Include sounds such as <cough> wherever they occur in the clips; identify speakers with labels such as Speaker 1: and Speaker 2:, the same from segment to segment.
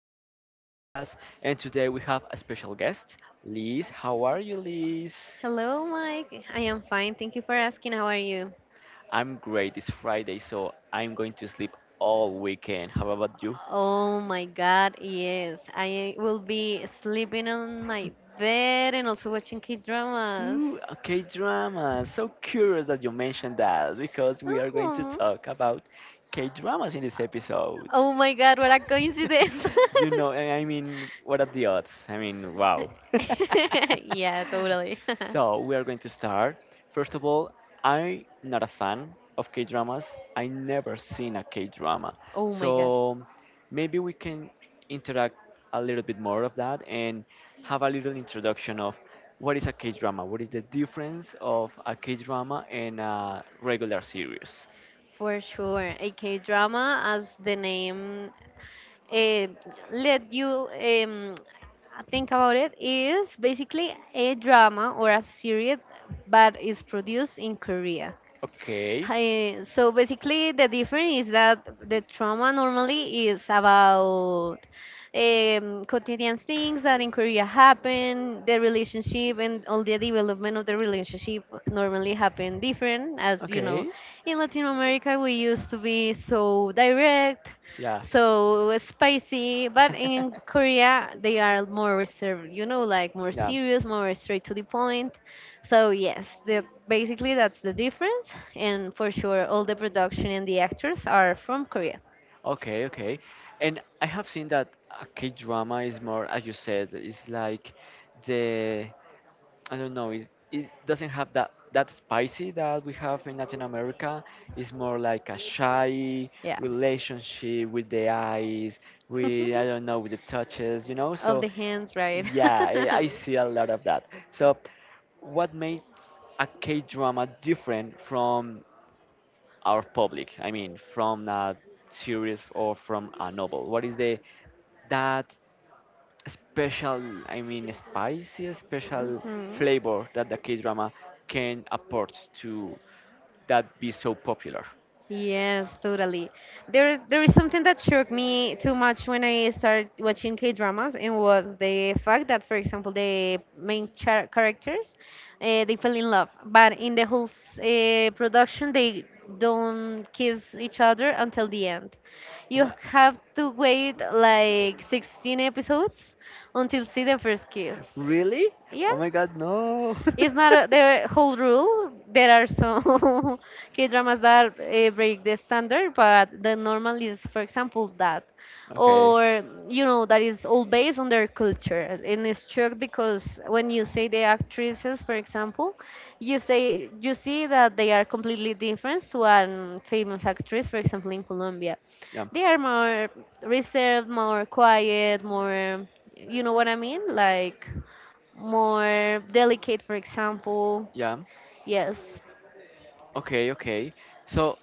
Speaker 1: favorite podcast. And today we have a special guest, Liz. How are you, Liz?
Speaker 2: Hello, Mike. I am fine. Thank you for asking. How are you?
Speaker 1: I'm great. It's Friday, so I'm going to sleep all weekend. How about you?
Speaker 2: Oh my God, yes. I will be sleeping on my bed and also watching kids dramas.
Speaker 1: Ooh, okay, drama. So curious that you mentioned that because we are going to
Speaker 2: Oh,
Speaker 1: talk about K dramas in this episode.
Speaker 2: oh my God, what a coincidence.
Speaker 1: <laughs> I mean, what are the odds? I mean, wow. <laughs>
Speaker 2: <laughs> Yeah, totally. <laughs>
Speaker 1: So we are going to start. First of all, I'm not a fan of K dramas. I never seen a K drama,
Speaker 2: Oh my God.
Speaker 1: so maybe we can interact a little bit more of that and have a little introduction of. What is a K drama? What is the difference of a K drama and a regular series?
Speaker 2: For sure. A K drama, as the name uh, let you think about it is basically a drama or a series but is produced in Korea.
Speaker 1: Okay.
Speaker 2: Hi, so basically, the difference is that the trauma normally is about quotidian things that in Korea happen, the relationship and all the development of the relationship normally happen different. As you know,
Speaker 1: Okay.
Speaker 2: in Latin America, we used to be so direct,
Speaker 1: Yeah.
Speaker 2: so spicy, but in
Speaker 1: <laughs>
Speaker 2: Korea, they are more reserved, you know, like more
Speaker 1: Yeah.
Speaker 2: serious, more straight to the point. So yes, basically that's the difference, and for sure all the production and the actors are from Korea.
Speaker 1: Okay, okay. And I have seen that a K drama is more, as you said, it's like the I don't know. It doesn't have that spicy that we have in Latin America. It's more like a shy
Speaker 2: Yeah,
Speaker 1: relationship with the eyes, with I don't know,
Speaker 2: <laughs>
Speaker 1: with the touches.
Speaker 2: of
Speaker 1: So
Speaker 2: the hands, right?
Speaker 1: yeah, I,
Speaker 2: <laughs>
Speaker 1: I see a lot of that. So what makes a K drama different from our public? I mean, from a series or from a novel? What is the that special I mean spicy special
Speaker 2: Mhm.
Speaker 1: flavor that the K drama can afford to that be so popular?
Speaker 2: Yes, totally. There is something that shook me too much when I started watching K dramas, and was the fact that, for example, the main characters, they fell in love, but in the whole production, they don't kiss each other until the end.
Speaker 1: I'm
Speaker 2: You
Speaker 1: like,
Speaker 2: have to wait like 16 episodes until see the first kiss.
Speaker 1: really?
Speaker 2: Yeah,
Speaker 1: Oh my god, no.
Speaker 2: it's not a, the whole rule. There are some <laughs> K dramas that break the standard, but the normal is, for example, that.
Speaker 1: <laughs> Okay.
Speaker 2: Or, you know, that is all based on their culture. And it's true because when you say the actresses, for example, you say you see that they are completely different to a famous actress, for example, in Colombia.
Speaker 1: Yeah.
Speaker 2: They are more reserved, more quiet, more, you know what I mean? Like, more delicate, for example.
Speaker 1: Yeah.
Speaker 2: Yes.
Speaker 1: Okay, okay. So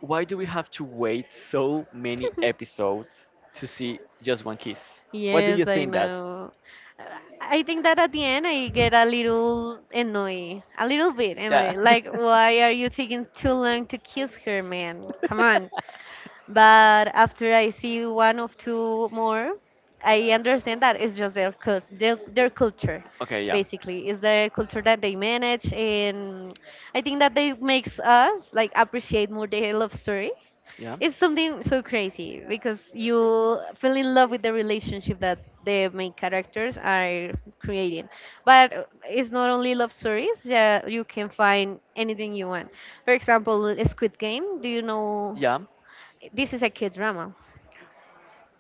Speaker 1: why do we have to wait so many
Speaker 2: <laughs>
Speaker 1: episodes to see just one kiss? What do you
Speaker 2: Yes, I
Speaker 1: think that?
Speaker 2: know. Uh, I think that at the end I get a little annoyed, a little bit
Speaker 1: Yeah.
Speaker 2: annoyed. Like, why are you taking too long to kiss her, man? Come on.
Speaker 1: <laughs>
Speaker 2: But after I see one of two more, I understand that it's just their cul their culture,
Speaker 1: Okay. Yeah.
Speaker 2: basically. It's the culture that they manage, and I think that they makes us like appreciate more the love story.
Speaker 1: Yeah.
Speaker 2: It's something so crazy because you fell in love with the relationship that the main characters are creating. But it's not only love stories, yeah, you can find anything you want. For example, Squid Game, do you know
Speaker 1: Yeah.
Speaker 2: this is a kid drama?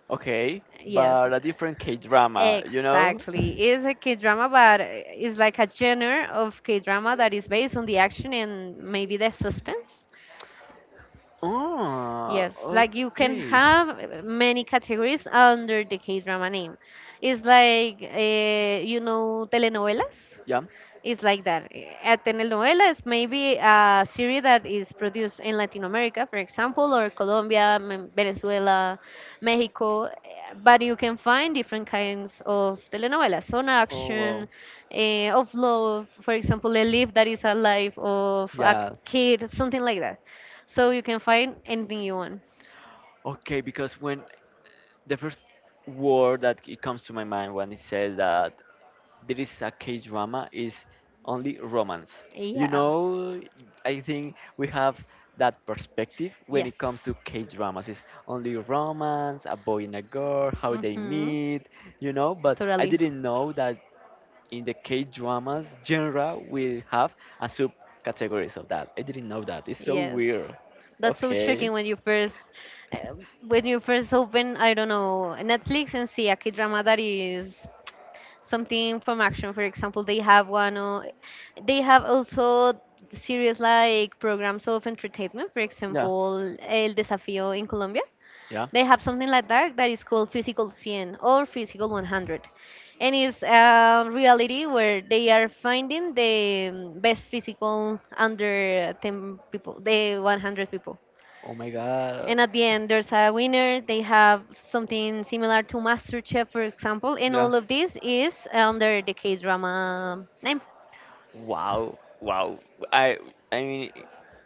Speaker 1: Okay.
Speaker 2: Yes,
Speaker 1: But a different K drama, you know?
Speaker 2: exactly.
Speaker 1: <laughs>
Speaker 2: It's a K drama, but it's like a genre of K drama that is based on the action and maybe the suspense.
Speaker 1: Oh,
Speaker 2: Yes, like you can
Speaker 1: okay.
Speaker 2: have many categories under the K-drama name. It's like, you know, telenovelas.
Speaker 1: Yeah.
Speaker 2: It's like that. A telenovela is maybe a series that is produced in Latin America, for example, or Colombia, Venezuela, Mexico. But you can find different kinds of telenovelas on
Speaker 1: Oh, wow.
Speaker 2: action, of love, for example, a life that is a life of a
Speaker 1: Yeah.
Speaker 2: kid, something like that. So you can find anything you want.
Speaker 1: Okay, because when the first word that it comes to my mind when it says that there is a K drama is only romance. You
Speaker 2: Yeah.
Speaker 1: know, I think we have that perspective when
Speaker 2: Yes.
Speaker 1: it comes to K dramas. It's only romance, a boy and a girl, how they
Speaker 2: Mm-hmm.
Speaker 1: meet, you know. But I
Speaker 2: Totally.
Speaker 1: didn't know that in the K dramas genre we have a subcategories of that. I didn't know that. It's so
Speaker 2: Yes.
Speaker 1: weird.
Speaker 2: That's so shocking
Speaker 1: Okay.
Speaker 2: when you uh, when you first open, I don't know, Netflix and see a K-drama that is something from action. For example, they have one, or they have also series like programs of entertainment. For
Speaker 1: Yeah.
Speaker 2: example, El Desafío in Colombia.
Speaker 1: Yeah.
Speaker 2: They have something like that that is called Physical 100 or Physical 100. And it's a reality where they are finding the best physical under 10 people, the 100 people.
Speaker 1: Oh my god.
Speaker 2: And at the end, there's a winner. They have something similar to MasterChef, for example. And
Speaker 1: Yeah.
Speaker 2: all of this is under the K drama name.
Speaker 1: Wow, wow. I I mean,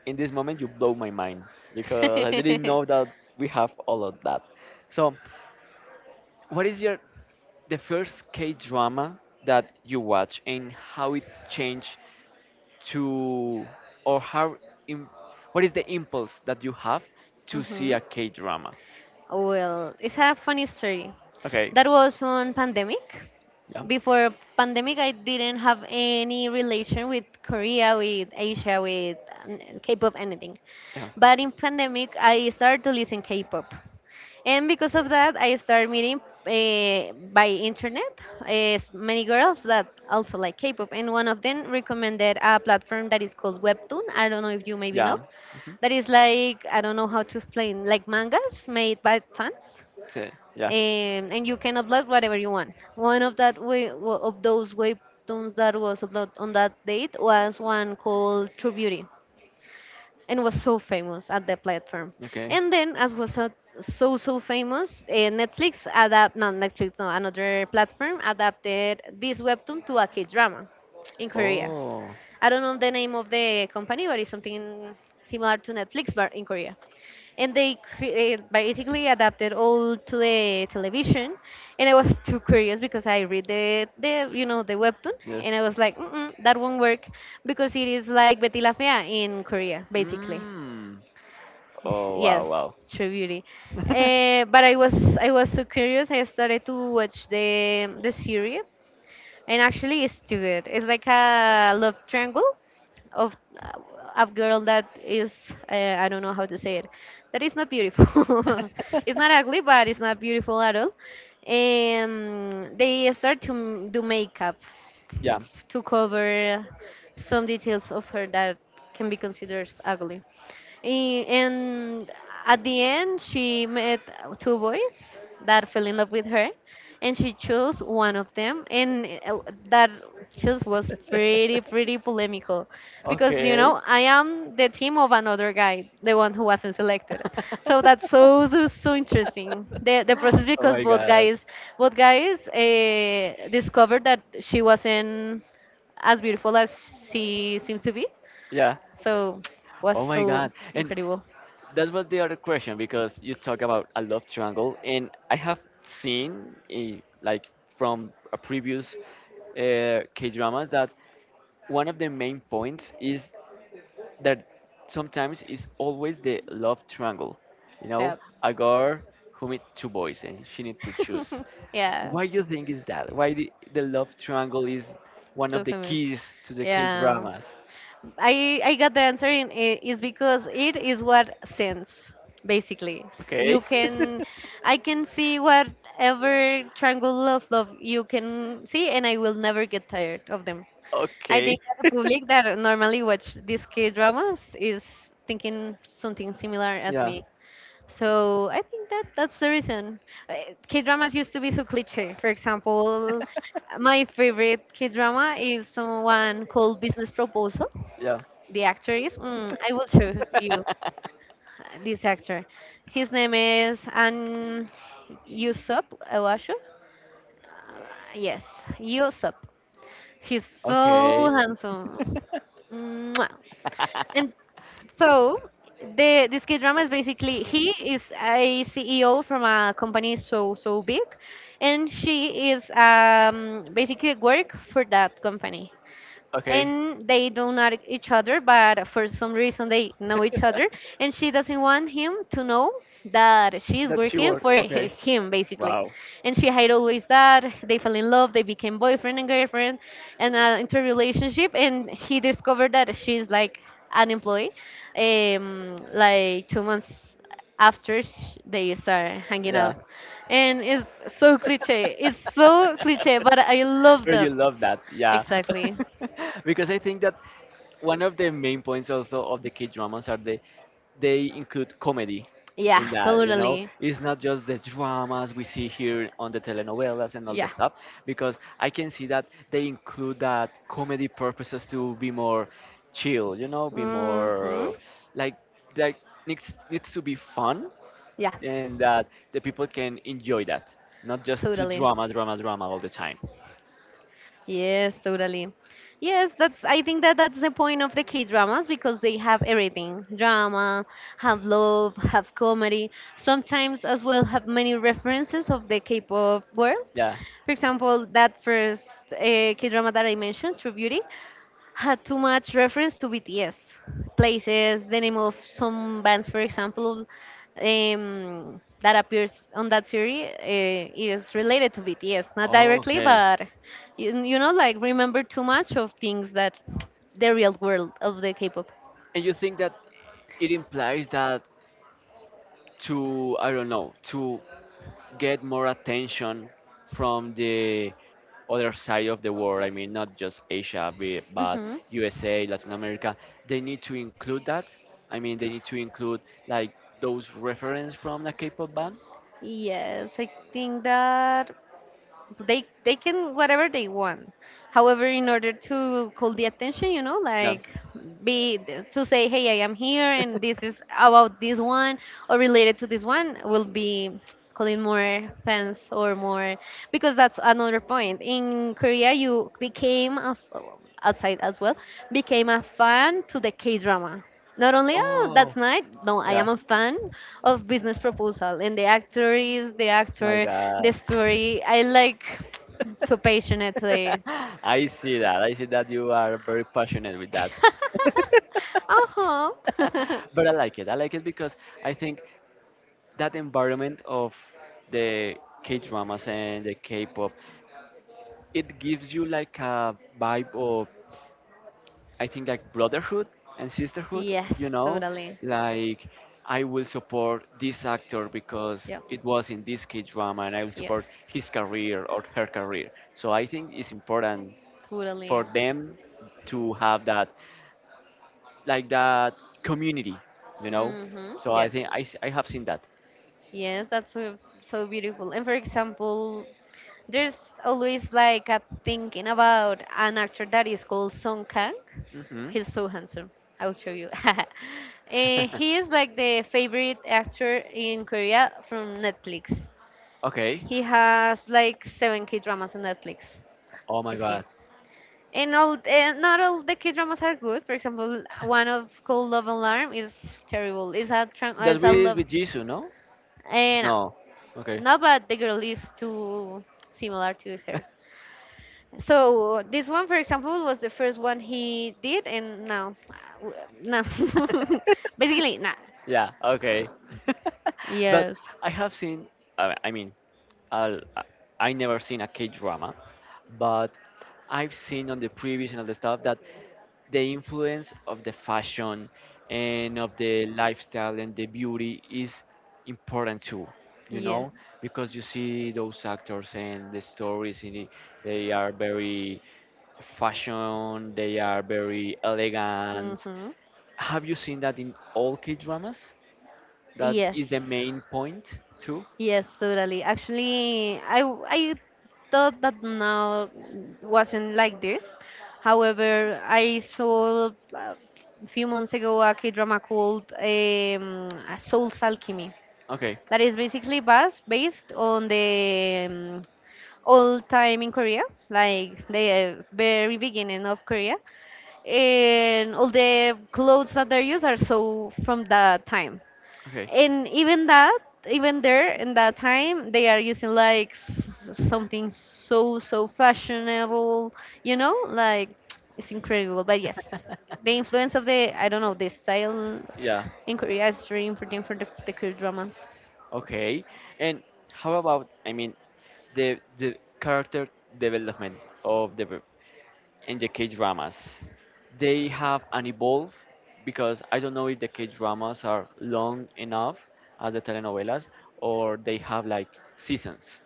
Speaker 1: in this moment you blow my mind because I didn't
Speaker 2: <laughs>
Speaker 1: know that we have all of that. So, what is your the first K drama that you watch and how it changed to or how im what is the impulse that you have to see
Speaker 2: Hmm,
Speaker 1: a K drama?
Speaker 2: well, it's a funny story.
Speaker 1: Okay.
Speaker 2: That was on pandemic.
Speaker 1: Yeah.
Speaker 2: Before pandemic, I didn't have any relation with Korea, with Asia, with K-pop, anything.
Speaker 1: Yeah.
Speaker 2: But in pandemic, I started to listen K-pop, and because of that, I started meeting by internet many girls that also like K-pop, and one of them recommended a platform that is called Webtoon. I don't know if you maybe
Speaker 1: Yeah.
Speaker 2: know
Speaker 1: hmm
Speaker 2: that is like I don't know how to explain, like mangas made by fans,
Speaker 1: So, yeah.
Speaker 2: and you can upload whatever you want. One of that of those webtoons that was uploaded on that date was one called True Beauty, and was so famous at the platform.
Speaker 1: Okay.
Speaker 2: And then, as was so famous, Netflix adapt no Netflix no another platform adapted this webtoon to a K drama in Korea.
Speaker 1: Oh,
Speaker 2: I don't know the name of the company, but it's something similar to Netflix, but in Korea. And they basically adapted all to the television, and I was too curious because I read the you know the webtoon,
Speaker 1: yes.
Speaker 2: and I was like, Mm-mm, that won't work because it is like Betty La Fea in Korea, basically.
Speaker 1: Mm.
Speaker 2: <sighs>
Speaker 1: Oh,
Speaker 2: Yes,
Speaker 1: wow, wow.
Speaker 2: True Beauty. But
Speaker 1: <laughs>
Speaker 2: I was so curious. I started to watch the series, and actually it's too good. It's like a love triangle of uh, a girl that is I don't know how to say it, that is not beautiful <laughs> it's not ugly but it's not beautiful at all, and they start to do makeup Yeah.
Speaker 1: Yeah.
Speaker 2: to cover some details of her that can be considered ugly. And at the end, she met two boys that fell in love with her, and she chose one of them. And that choice was pretty, pretty polemical because, you
Speaker 1: Okay.
Speaker 2: know, I am the team of another guy, the one who wasn't selected. So that's so, so, so interesting. The process
Speaker 1: Oh
Speaker 2: because
Speaker 1: my
Speaker 2: both
Speaker 1: god.
Speaker 2: guys, discovered that she wasn't as beautiful as she seemed to be,
Speaker 1: Yeah.
Speaker 2: so was
Speaker 1: Oh my
Speaker 2: so
Speaker 1: god. And
Speaker 2: incredible.
Speaker 1: that was the other question because you talk about a love triangle, and I have seen like from a previous K dramas that one of the main points is that sometimes is always the love triangle. You know,
Speaker 2: Yeah.
Speaker 1: a girl who meet two boys and she need to choose.
Speaker 2: <laughs> Yeah.
Speaker 1: Why you think is that? Why the love triangle is one
Speaker 2: So
Speaker 1: of the
Speaker 2: famous.
Speaker 1: keys to the K
Speaker 2: Yeah.
Speaker 1: dramas?
Speaker 2: I got the answer in is because it is what sends basically.
Speaker 1: Okay.
Speaker 2: You can
Speaker 1: <laughs>
Speaker 2: I can see whatever triangle of love you can see and I will never get tired of them. I
Speaker 1: Okay,
Speaker 2: think the public that normally watch these K dramas is thinking something similar as
Speaker 1: yeah,
Speaker 2: me. So I think that that's the reason. K dramas used to be so cliche. For example, my favorite K drama is someone called Business Proposal.
Speaker 1: yeah.
Speaker 2: The actor is mm, I will show you
Speaker 1: <laughs>
Speaker 2: this actor. His name is An Yusup Awashu. Uh, yes, Yusup. He's
Speaker 1: Okay.
Speaker 2: so handsome. Mwah. And
Speaker 1: <laughs>
Speaker 2: so the this K drama is basically he is a CEO from a company so big, and she is basically work for that company
Speaker 1: Okay.
Speaker 2: and they don't know each other but for some reason they know each other and she doesn't want him to know that she's
Speaker 1: That's your
Speaker 2: working
Speaker 1: work.
Speaker 2: for
Speaker 1: Okay.
Speaker 2: him basically
Speaker 1: Wow.
Speaker 2: and she hid always that they fell in love they became boyfriend and girlfriend and into a relationship and he discovered that she's like an employee like 2 months after they start hanging
Speaker 1: Yeah.
Speaker 2: out and it's so cliche but I love
Speaker 1: But you
Speaker 2: them
Speaker 1: love that. Yeah.
Speaker 2: exactly.
Speaker 1: <laughs> Because I think that one of the main points also of the K dramas are the they include comedy
Speaker 2: Yeah,
Speaker 1: in that you know
Speaker 2: totally.
Speaker 1: it's not just the dramas we see here on the telenovelas and all the
Speaker 2: Yeah.
Speaker 1: stuff because I can see that they include that comedy purposes to be more chill you know be more
Speaker 2: Mm-hmm.
Speaker 1: like like needs to be fun
Speaker 2: Yeah,
Speaker 1: and that the people can enjoy that not just to
Speaker 2: totally.
Speaker 1: drama drama drama all the time.
Speaker 2: Yes, totally. Yes, that's I think that that's the point of the K-dramas because they have everything. Drama, have love, have comedy, sometimes as well have many references of the K-pop world.
Speaker 1: Yeah.
Speaker 2: For example, that first uh, K-drama that I mentioned, True Beauty, had too much reference to BTS places, the name of some bands, for example, that appears on that series is related to BTS, not directly,
Speaker 1: Okay.
Speaker 2: but you know, like remember too much of things that the real world of the K-pop.
Speaker 1: And you think that it implies that to, I don't know, to get more attention from the other side of the world, I mean, not just Asia, be- but
Speaker 2: Hmm.
Speaker 1: USA, Latin America, they need to include that? I mean, they need to include like those reference from the K-pop band?
Speaker 2: Yes, I think that. They can whatever they want however in order to call the attention you know
Speaker 1: No.
Speaker 2: like be to say hey I am here and this is about this one or related to this one will be calling more fans or more because that's another point in Korea you became a outside as well became a fan to the K drama not only, oh,
Speaker 1: Oh,
Speaker 2: that's nice. No, I
Speaker 1: yeah.
Speaker 2: am a fan of Business Proposal and the actor is the
Speaker 1: My
Speaker 2: actor, the
Speaker 1: God.
Speaker 2: story. I like <tsk> too passionately.
Speaker 1: <laughs> I see that. I see that you are very passionate with that.
Speaker 2: <laughs>
Speaker 1: <laughs>
Speaker 2: Uh huh. <laughs>
Speaker 1: But I like it. I like it because I think that environment of the K dramas and the K pop, it gives you like a vibe of, I think, like brotherhood and sisterhood, you
Speaker 2: Yes,
Speaker 1: know?
Speaker 2: totally.
Speaker 1: Like, I will support this actor because
Speaker 2: Yeah.
Speaker 1: it was in this K drama and I will
Speaker 2: Yes,
Speaker 1: support his career or her career. So I think it's important
Speaker 2: totally.
Speaker 1: for them to have that, like that community, you know?
Speaker 2: Mm-hmm.
Speaker 1: So I think
Speaker 2: Yes.
Speaker 1: I, s- I have seen that.
Speaker 2: Yes, that's so, so beautiful. And for example, there's always like a thinking about an actor that is called Song Kang.
Speaker 1: hmm
Speaker 2: He's so handsome. I will show you. <laughs> Eh, he is like the favorite actor in Korea from Netflix.
Speaker 1: Okay.
Speaker 2: He has like 7 K dramas on Netflix.
Speaker 1: Oh my
Speaker 2: Is he?
Speaker 1: God.
Speaker 2: And all, eh, not all the K dramas are good. For example, one of called Love Alarm is terrible. It's a
Speaker 1: That's
Speaker 2: it's a love.
Speaker 1: with Jisoo, no?
Speaker 2: Eh, no,
Speaker 1: No. Okay.
Speaker 2: no,
Speaker 1: <laughs>
Speaker 2: but the girl is too similar to her. So this one, for example, was the first one he did, and no, uh, no, <laughs> basically nah.
Speaker 1: Yeah. Okay.
Speaker 2: Um,
Speaker 1: <laughs> But
Speaker 2: yes,
Speaker 1: I have seen. I mean, I'll, I never seen a K drama, but I've seen on the previous and all the stuff that the influence of the fashion and of the lifestyle and the beauty is important too. You know,
Speaker 2: yes,
Speaker 1: because you see those actors and the stories in it, they are very fashion, they are very elegant.
Speaker 2: mm-hmm.
Speaker 1: Have you seen that in all K dramas? That
Speaker 2: Yes,
Speaker 1: is the main point too.
Speaker 2: yes, totally. Actually, I thought that now wasn't like this. However, I saw a few months ago a K-drama called Soul's Alchemy
Speaker 1: Okay,
Speaker 2: that is basically based on the All time in Korea, like the very beginning of Korea, and all the clothes that they use are so from that time.
Speaker 1: okay.
Speaker 2: And even that, even there in that time, they are using like something so so fashionable,
Speaker 1: <laughs>
Speaker 2: like it's incredible. But yes, the influence of the I don't know the style
Speaker 1: Yeah.
Speaker 2: in Korea is really important for the Korean dramas.
Speaker 1: Okay. And how about I mean the character development of the in the K dramas? They have an evolve because I don't know if the K dramas are long enough as the telenovelas or they have like seasons.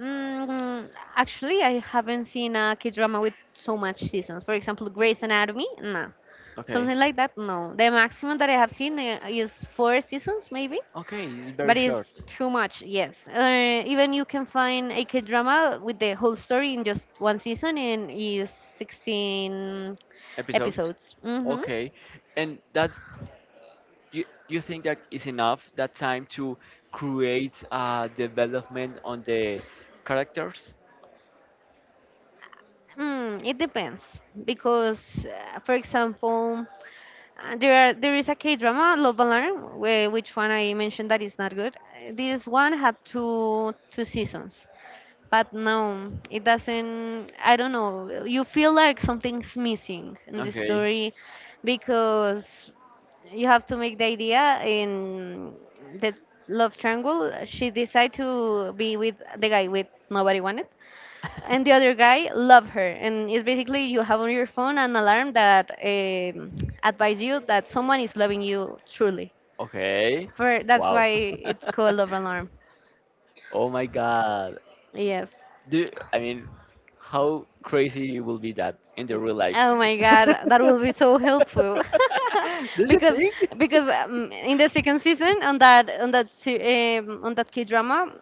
Speaker 2: Mm, actually, I haven't seen a K-drama with so much seasons. For example, Grey's Anatomy, no.
Speaker 1: Okay.
Speaker 2: Something like that, no. The maximum that I have seen is four seasons, maybe.
Speaker 1: Okay, it's very
Speaker 2: But it's
Speaker 1: short
Speaker 2: too much, yes. Even you can find a K-drama with the whole story in just one season and is 16
Speaker 1: episodes.
Speaker 2: episodes.
Speaker 1: Okay. And that you think that is enough that time to create a development on the characters?
Speaker 2: It depends because, for example, there is a K drama, Love Alarm, where, which one I mentioned that is not good. This one had two seasons, but no, it doesn't. I don't know. You feel like something's missing in the
Speaker 1: Okay.
Speaker 2: story because you have to make the idea in the love triangle. She decided to be with the guy with nobody wanted, and the other guy love her and it's basically you have on your phone an alarm that advise you that someone is loving you truly
Speaker 1: Okay.
Speaker 2: for that's why
Speaker 1: Wow.
Speaker 2: it's called love alarm.
Speaker 1: Oh my God.
Speaker 2: Yes.
Speaker 1: Do I mean how crazy will be that in the real life?
Speaker 2: Oh my god, that will be so helpful. <laughs>
Speaker 1: <laughs> Do you
Speaker 2: because
Speaker 1: think?
Speaker 2: because in the second season on that on that on that K drama,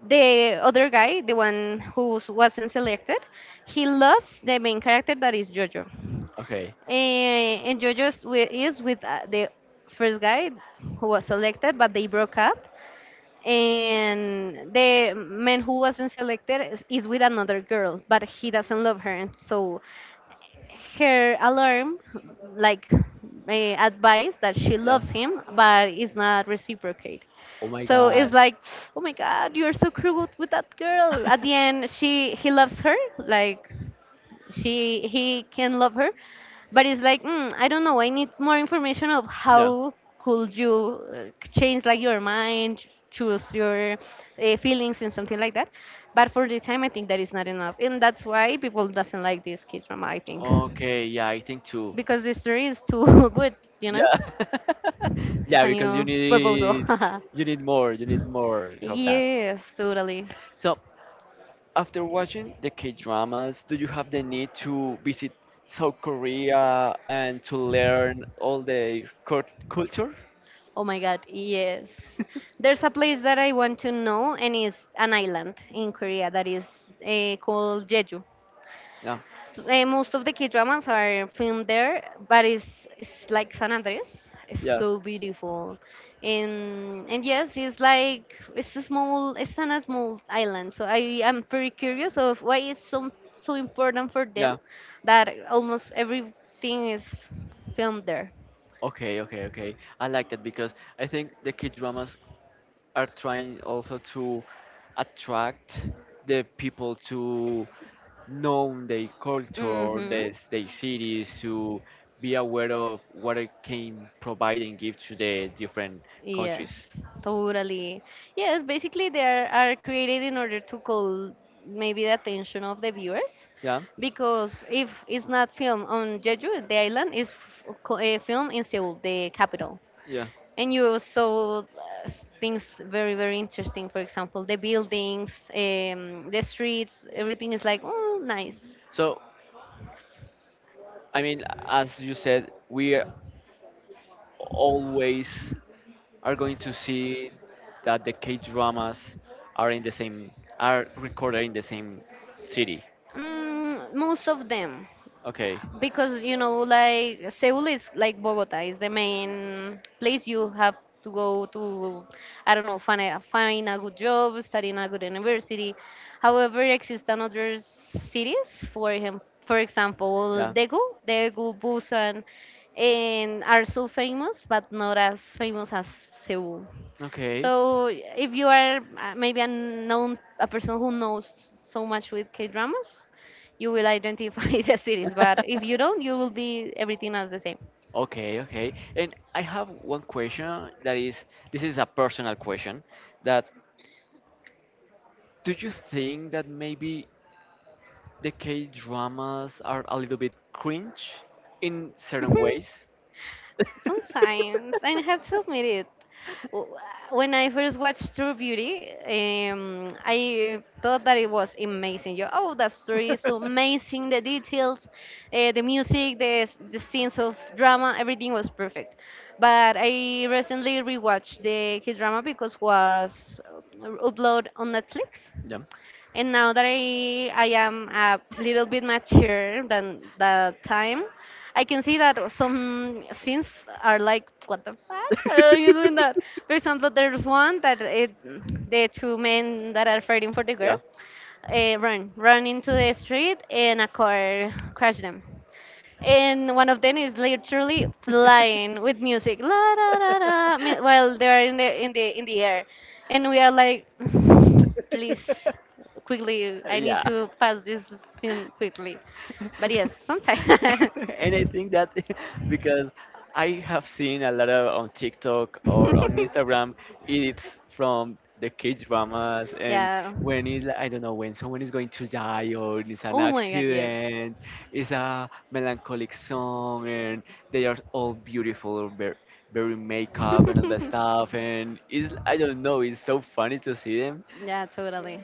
Speaker 2: the other guy, the one who wasn't selected, he loves the main character that is Jojo.
Speaker 1: Okay.
Speaker 2: Eh, and Jojo is with, is with the first guy who was selected, but they broke up. And the man who wasn't selected is with another girl, but he doesn't love her, and so her alarm like advice that she
Speaker 1: Yeah.
Speaker 2: loves him but it's not reciprocate.
Speaker 1: Oh my
Speaker 2: So
Speaker 1: god.
Speaker 2: it's like oh my god you're so cruel with that girl at the end she he loves her like she he can love her but it's like I don't know I need more information of
Speaker 1: Yeah.
Speaker 2: how could you change like your mind choose your feelings and something like that but for the time I think that is not enough and that's why people doesn't like this kid drama I think
Speaker 1: Okay, yeah, I think too.
Speaker 2: because the story is too <laughs> good, you know?
Speaker 1: Yeah. <laughs>
Speaker 2: It's
Speaker 1: Yeah,
Speaker 2: a
Speaker 1: because
Speaker 2: new proposal. <laughs>
Speaker 1: you need more of that.
Speaker 2: Yes, totally.
Speaker 1: So after watching the K-dramas, do you have the need to visit South Korea and to learn all the cult culture?
Speaker 2: Oh my god, yes. There's a place that I want to know, and it's an island in Korea that is called Jeju.
Speaker 1: Yeah,
Speaker 2: Most of the K dramas are filmed there, but it's like San Andres. It's
Speaker 1: yeah,
Speaker 2: so beautiful, and yes, it's like it's a small it's on a small island. So I am very curious of why it's so so important for them
Speaker 1: yeah.
Speaker 2: that almost everything is filmed there.
Speaker 1: Okay, okay, okay. I like that because I think the K-dramas are trying also to attract the people to know their culture,
Speaker 2: Mm-hmm.
Speaker 1: their cities, to be aware of what it can provide and give to the different
Speaker 2: Yes,
Speaker 1: countries.
Speaker 2: totally. Yes, basically they are created in order to call maybe the attention of the viewers
Speaker 1: Yeah,
Speaker 2: because if it's not filmed on Jeju, the island is a film in Seoul, the capital.
Speaker 1: yeah.
Speaker 2: And you saw things very, very interesting. For example, the buildings, the streets, everything is like, oh, nice.
Speaker 1: So, I mean, as you said, we are always are going to see that the K dramas are in the same are recorded in the same city.
Speaker 2: Most of them,
Speaker 1: Okay.
Speaker 2: because you know, like Seoul is like Bogota is the main place you have to go to. I don't know, find a, find a good job, study in a good university. However, exist another cities, for him, for example,
Speaker 1: Yeah.
Speaker 2: Daegu, Daegu, Busan, and are so famous, but not as famous as Seoul.
Speaker 1: Okay.
Speaker 2: So if you are maybe a known a person who knows so much with K dramas, you will identify <laughs> the series. But if you
Speaker 1: <laughs>
Speaker 2: don't, you will be everything else the same.
Speaker 1: Okay, okay. And I have one question that is this is a personal question that do you think that maybe the K dramas are a little bit cringe in certain ways?
Speaker 2: <laughs> Sometimes, I have to admit it. W- When I first watched True Beauty, I thought that it was amazing. You, oh, that story is so amazing. The details,
Speaker 1: <laughs>
Speaker 2: the music, the scenes of drama, everything was perfect. But I recently rewatched the K drama because was upload on Netflix.
Speaker 1: Đúng.
Speaker 2: And now that I am a little bit mature than that time, I can see that some scenes are like, what the fuck? Why are you doing that? For example, there's one that it, the two men that are fighting for the girl,
Speaker 1: Yeah.
Speaker 2: run into the street and a car crashed them and one of them is literally flying with music la da da da while they are in the in the air and we are like <sighs> please quickly I need
Speaker 1: Yeah.
Speaker 2: to pass this scene quickly but yes sometimes.
Speaker 1: <laughs> And I think that <laughs> because I have seen a lot of on TikTok or on Instagram
Speaker 2: <laughs>
Speaker 1: edits from the K dramas, and
Speaker 2: Yeah.
Speaker 1: when it's like, I don't know when someone is going to die or it's an
Speaker 2: Oh my god, yes.
Speaker 1: accident, it's a melancholic song, and they are all beautiful, very, very makeup and all that
Speaker 2: <laughs>
Speaker 1: stuff, and it's I don't know, it's so funny to see them.
Speaker 2: Yeah, totally.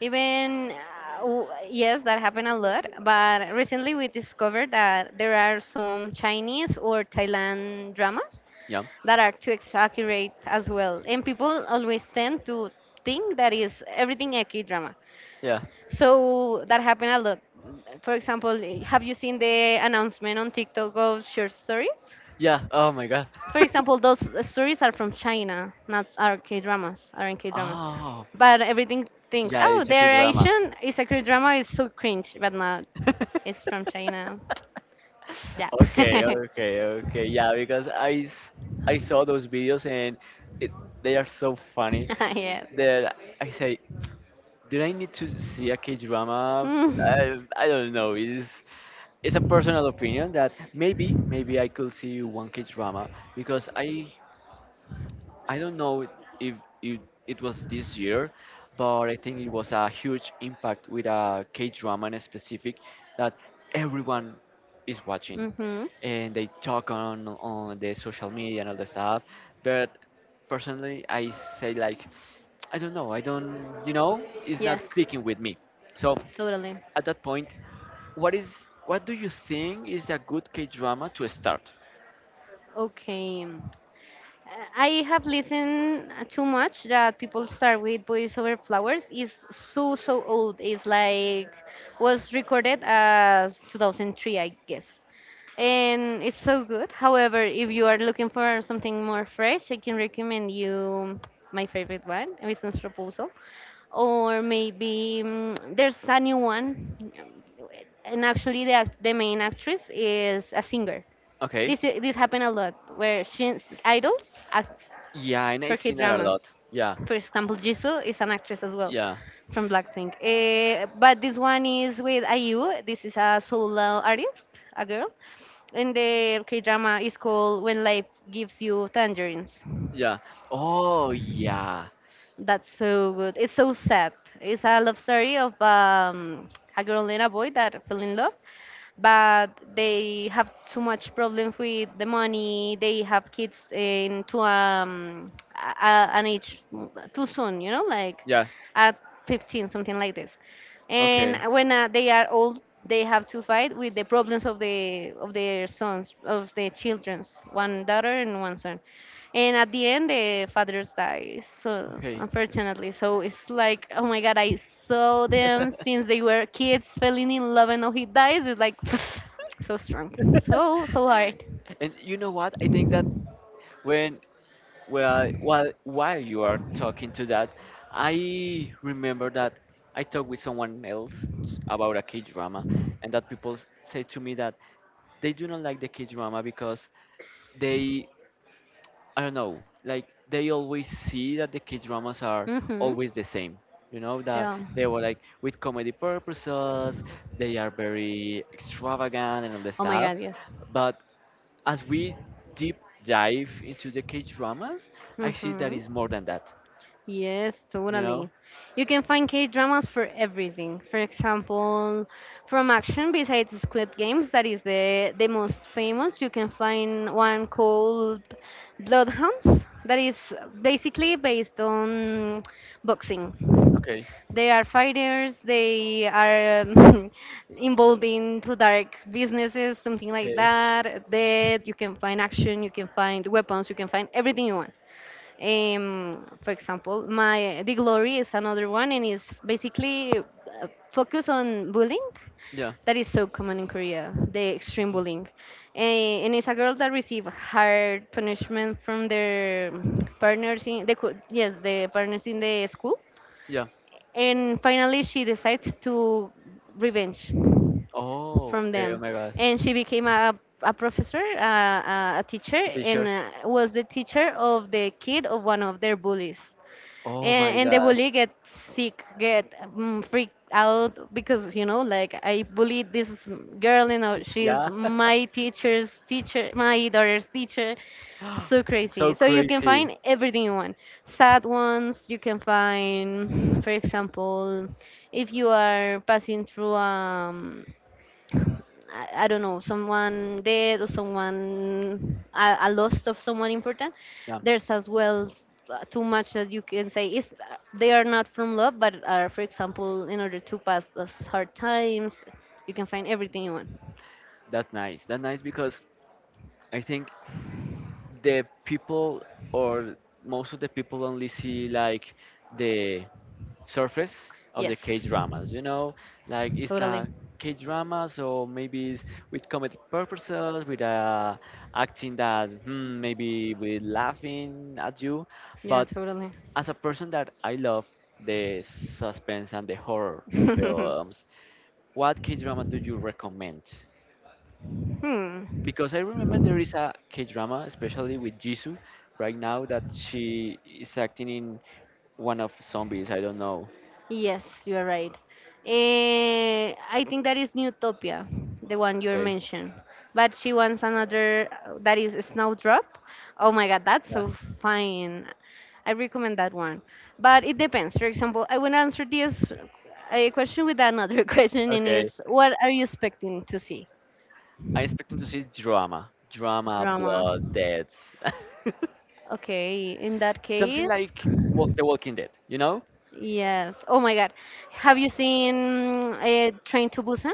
Speaker 2: Even yes, that happened a lot. But recently, we discovered that there are some Chinese or Thailand dramas
Speaker 1: Yeah,
Speaker 2: that are too exaggerate as well, and people always tend to think that is everything a K drama.
Speaker 1: yeah,
Speaker 2: So that happened a lot. For example, have you seen the announcement on TikTok of short stories?
Speaker 1: yeah. Oh my God. <laughs>
Speaker 2: For example, those stories are from China, not our K dramas, aren't K dramas.
Speaker 1: Oh.
Speaker 2: But everything thinks,
Speaker 1: Yeah,
Speaker 2: oh,
Speaker 1: it's a kid
Speaker 2: they're
Speaker 1: drama.
Speaker 2: Asian. It's a K drama. It's so cringe, but not. It's
Speaker 1: <laughs>
Speaker 2: from China. Yeah.
Speaker 1: Okay,
Speaker 2: <laughs>
Speaker 1: okay, okay. Yeah, because I, s- I saw those videos and it, they are so funny
Speaker 2: Yes.
Speaker 1: that I say, did I need to see a K drama?
Speaker 2: Mm.
Speaker 1: I don't know. It's a personal opinion that maybe maybe I could see one K drama because I don't know if it, it was this year, but I think it was a huge impact with a K drama in specific that everyone is watching,
Speaker 2: Mhm.
Speaker 1: and they talk on the social media and all the stuff. But personally, I say like, I don't know, I don't, you know, it's not
Speaker 2: Yes.
Speaker 1: clicking with me. So
Speaker 2: Totally.
Speaker 1: at that point, what is what do you think is a good K drama to start?
Speaker 2: Okay. I have listened too much that people start with Boys Over Flowers. It's so so old. It's like was recorded as 2003, I guess. And it's so good. However, if you are looking for something more fresh, I can recommend you my favorite one, Business Proposal. Or maybe there's a new one. And actually, the, the main actress is a singer.
Speaker 1: Okay,
Speaker 2: This happened a lot where Shin's idols act
Speaker 1: yeah, and
Speaker 2: for
Speaker 1: I've
Speaker 2: K
Speaker 1: seen that a
Speaker 2: dramas.
Speaker 1: lot. Yeah,
Speaker 2: For example, Jisoo is an actress as well
Speaker 1: yeah.
Speaker 2: from Blackpink. Eh, but this one is with IU. This is a solo artist, a girl, and the K drama is called When Life Gives You Tangerines.
Speaker 1: Yeah. Oh, yeah.
Speaker 2: That's so good. It's so sad. It's a love story of a girl and a boy that fell in love, but they have too much problems with the money. They have kids in to an age too soon, you know, like
Speaker 1: Yeah.
Speaker 2: at 15, something like this. And
Speaker 1: Okay.
Speaker 2: when they are old, they have to fight with the problems of the of their sons, of their childrens, one daughter and one son and at the end the fathers die so
Speaker 1: Okay.
Speaker 2: unfortunately so it's like oh my god I saw them
Speaker 1: <laughs>
Speaker 2: since they were kids falling in love and now he dies it's like <sighs> so strong so so hard.
Speaker 1: And you know what? I think that when well while you are talking to that, I remember that I talked with someone else about a K drama and that people say to me that they do not like the K drama because they I don't know, like they always see that the K dramas are
Speaker 2: Hmm.
Speaker 1: always the same. You know, that
Speaker 2: Yeah.
Speaker 1: they were like with comedy purposes, they are very extravagant and all the
Speaker 2: Oh my
Speaker 1: stuff.
Speaker 2: god, yes.
Speaker 1: But as we deep dive into the K dramas, I see that
Speaker 2: Hmm.
Speaker 1: is more than that,
Speaker 2: Yes,
Speaker 1: you know?
Speaker 2: totally. You can find K dramas for everything. For example, from action, besides Squid Games, that is the most famous, you can find one called Bloodhounds, that is basically based on boxing.
Speaker 1: Okay.
Speaker 2: They are fighters, they are <laughs> involved into dark businesses, something like
Speaker 1: Okay.
Speaker 2: that. Death, you can find action, you can find weapons, you can find everything you want. For example, my The Glory is another one, and it's basically focused on bullying
Speaker 1: Yeah,
Speaker 2: that is so common in Korea, the extreme bullying. Eh, and it's a girl that received hard punishment from their partners in the co- yes, the partners in the school,
Speaker 1: yeah.
Speaker 2: and finally she decides to revenge
Speaker 1: Oh,
Speaker 2: from
Speaker 1: okay. Oh
Speaker 2: them
Speaker 1: my God.
Speaker 2: and she became a professor a teacher
Speaker 1: A
Speaker 2: and
Speaker 1: shirt
Speaker 2: was the teacher of the kid of one of their bullies
Speaker 1: Oh my
Speaker 2: and the
Speaker 1: God.
Speaker 2: bully get sick get freaked out because you know like I bullied this girl you know she's
Speaker 1: Yeah. <gasps>
Speaker 2: my teacher's teacher my daughter's teacher so
Speaker 1: <laughs> It's
Speaker 2: crazy
Speaker 1: so
Speaker 2: so you can
Speaker 1: crazy.
Speaker 2: find everything you want. Sad ones you can find for example if you are passing through I don't know, someone dead or someone, a loss of someone important,
Speaker 1: Yeah,
Speaker 2: there's as well too much that you can say is they are not from love, but are, for example, in order to pass those hard times, you can find everything you want.
Speaker 1: that's nice. That's nice because I think the people or most of the people only see like the surface of the K
Speaker 2: Yes,
Speaker 1: dramas. You know, like it's
Speaker 2: totally.
Speaker 1: a K drama, so maybe it's with comedic purposes, with acting that maybe with laughing at you.
Speaker 2: Yeah,
Speaker 1: But
Speaker 2: totally.
Speaker 1: as a person that I love the suspense and the horror
Speaker 2: <laughs>
Speaker 1: films, what K drama do you recommend?
Speaker 2: Hmm.
Speaker 1: Because I remember there is a K drama, especially with Jisoo, right now that she is acting in one of zombies. I don't know.
Speaker 2: Yes, you are right. Eh, I think that is Newtopia, the one you
Speaker 1: Okay.
Speaker 2: mentioned. But she wants another that is Snowdrop. Oh my god, that's
Speaker 1: Yeah.
Speaker 2: so fine. I recommend that one. But it depends. For example, I will answer this a question with another <laughs> question, and
Speaker 1: Okay.
Speaker 2: is what are you expecting to see?
Speaker 1: I expect them to see drama, drama,
Speaker 2: Drama.
Speaker 1: blood, deaths,
Speaker 2: Okay, in that
Speaker 1: <laughs> something
Speaker 2: case,
Speaker 1: like wa- The Walking Dead. You know?
Speaker 2: yes. Oh my god, have you seen a Train to Busan?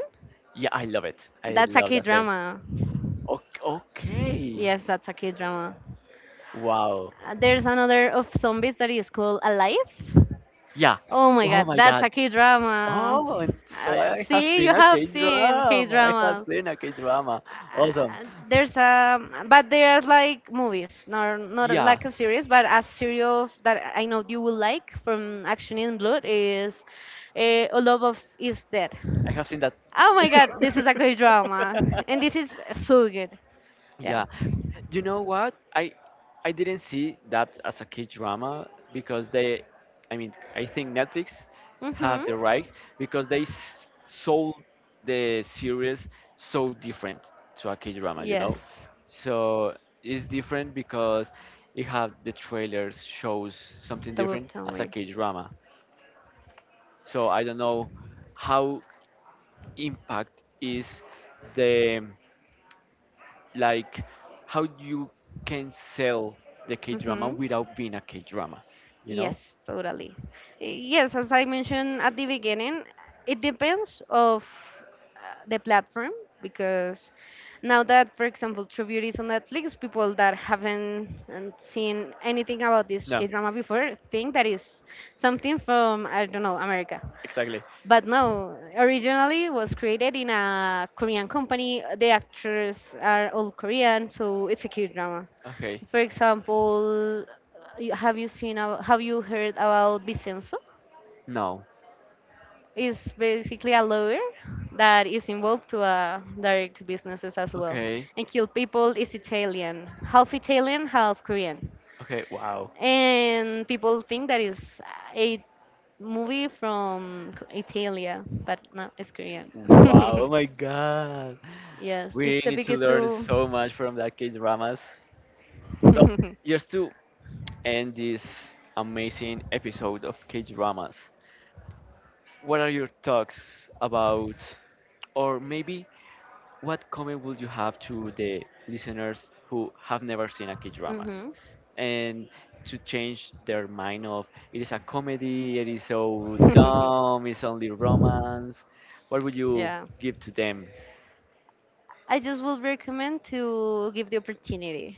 Speaker 1: Yeah, I love it. I
Speaker 2: That's a
Speaker 1: love
Speaker 2: K
Speaker 1: that film.
Speaker 2: drama.
Speaker 1: Okay. Okay.
Speaker 2: Yes, that's a K drama.
Speaker 1: Wow.
Speaker 2: There's another of zombies that is called Alive.
Speaker 1: Yeah.
Speaker 2: Oh my
Speaker 1: Oh
Speaker 2: god,
Speaker 1: my
Speaker 2: that's
Speaker 1: God.
Speaker 2: a K drama.
Speaker 1: Oh, and so I have
Speaker 2: See, you
Speaker 1: seen a
Speaker 2: have
Speaker 1: K
Speaker 2: seen K
Speaker 1: drama. I have
Speaker 2: dramas.
Speaker 1: seen a K drama. Awesome.
Speaker 2: Uh, there's a, but they are like movies, not
Speaker 1: Yeah,
Speaker 2: like a series, but a series of, that I know you will like from Action in Blood is All of Us is Dead.
Speaker 1: I have seen that.
Speaker 2: Oh my god, this is a K drama, and this
Speaker 1: <laughs>
Speaker 2: is so good. Yeah.
Speaker 1: Yeah. You know what? I didn't see that as a kid drama because they, I mean, I think Netflix have
Speaker 2: Mhm.
Speaker 1: the rights because they s- sold the series so different to a kid drama, you know?
Speaker 2: Yes.
Speaker 1: So it's different because it have the trailers shows something different as a
Speaker 2: Totally.
Speaker 1: kid drama. So I don't know how impact is the like how you can sell the K drama
Speaker 2: Hmm.
Speaker 1: without being a K drama, you know?
Speaker 2: Yes, totally. Yes, as I mentioned at the beginning, it depends of the platform because now that, for example, True Beauty is on Netflix, people that haven't seen anything about this
Speaker 1: No,
Speaker 2: K drama before think that is something from I don't know America.
Speaker 1: exactly.
Speaker 2: But no, originally it was created in a Korean company. The actors are all Korean, so it's a cute drama.
Speaker 1: Okay,
Speaker 2: For example, have you heard about Vincenzo?
Speaker 1: no.
Speaker 2: It's basically a lawyer that is involved to dark businesses as well,
Speaker 1: Okay,
Speaker 2: and kill people. Is Italian, half Korean
Speaker 1: okay, wow.
Speaker 2: and people think that is a movie from Italia, but no, it's Korean.
Speaker 1: Wow,
Speaker 2: <laughs>
Speaker 1: oh my god.
Speaker 2: Yes, this
Speaker 1: We need
Speaker 2: topic
Speaker 1: to
Speaker 2: is
Speaker 1: learn
Speaker 2: too.
Speaker 1: so much from that K dramas.
Speaker 2: <laughs>
Speaker 1: So,
Speaker 2: Mm-hmm.
Speaker 1: just to end this amazing episode of K dramas, what are your thoughts about, or maybe what comment would you have to the listeners who have never seen a K-dramas and to change their mind of it is a comedy, it is so
Speaker 2: <laughs>
Speaker 1: dumb, it's only romance. What would you
Speaker 2: Yeah,
Speaker 1: give to them?
Speaker 2: I just would recommend to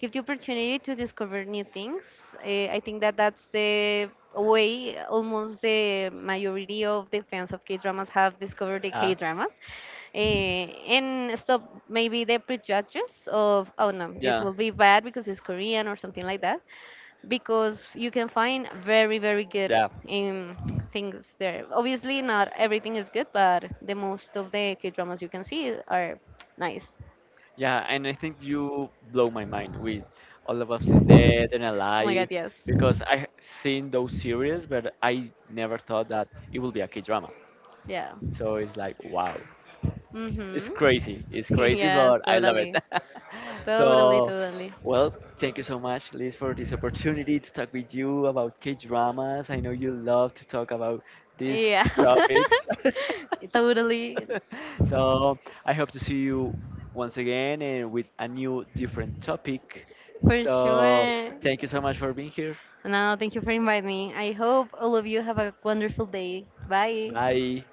Speaker 2: give the opportunity to discover new things. I think that that's the way almost the majority of the fans of K dramas have discovered the K
Speaker 1: Uh,
Speaker 2: dramas, and stop maybe the prejudices of oh no, this
Speaker 1: Yeah,
Speaker 2: will be bad because it's Korean or something like that, because you can find very very good
Speaker 1: yeah,
Speaker 2: um, things there. Obviously, not everything is good, but the most of the K dramas you can see are nice.
Speaker 1: yeah. And I think you blow my mind with All of Us is Dead and
Speaker 2: Oh my god,
Speaker 1: Alive
Speaker 2: yes.
Speaker 1: because I h- seen those series, but I never thought that it would be a K-drama.
Speaker 2: Yeah.
Speaker 1: So it's like wow. It's crazy. It's
Speaker 2: Mm-hmm. <laughs>
Speaker 1: crazy,
Speaker 2: Yes,
Speaker 1: but I love it.
Speaker 2: totally.
Speaker 1: <laughs>
Speaker 2: Totally,
Speaker 1: So,
Speaker 2: totally.
Speaker 1: well, thank you so much, Liz, for this opportunity to talk with you about K dramas. I know you love to talk about these
Speaker 2: Yeah.
Speaker 1: topics. <laughs>
Speaker 2: <laughs> Totally.
Speaker 1: <laughs> So, I hope to see you once again and with a new, different topic.
Speaker 2: For
Speaker 1: So,
Speaker 2: sure.
Speaker 1: thank you so much for being here.
Speaker 2: No, thank you for inviting me. I hope all of you have a wonderful day. Bye.
Speaker 1: Bye.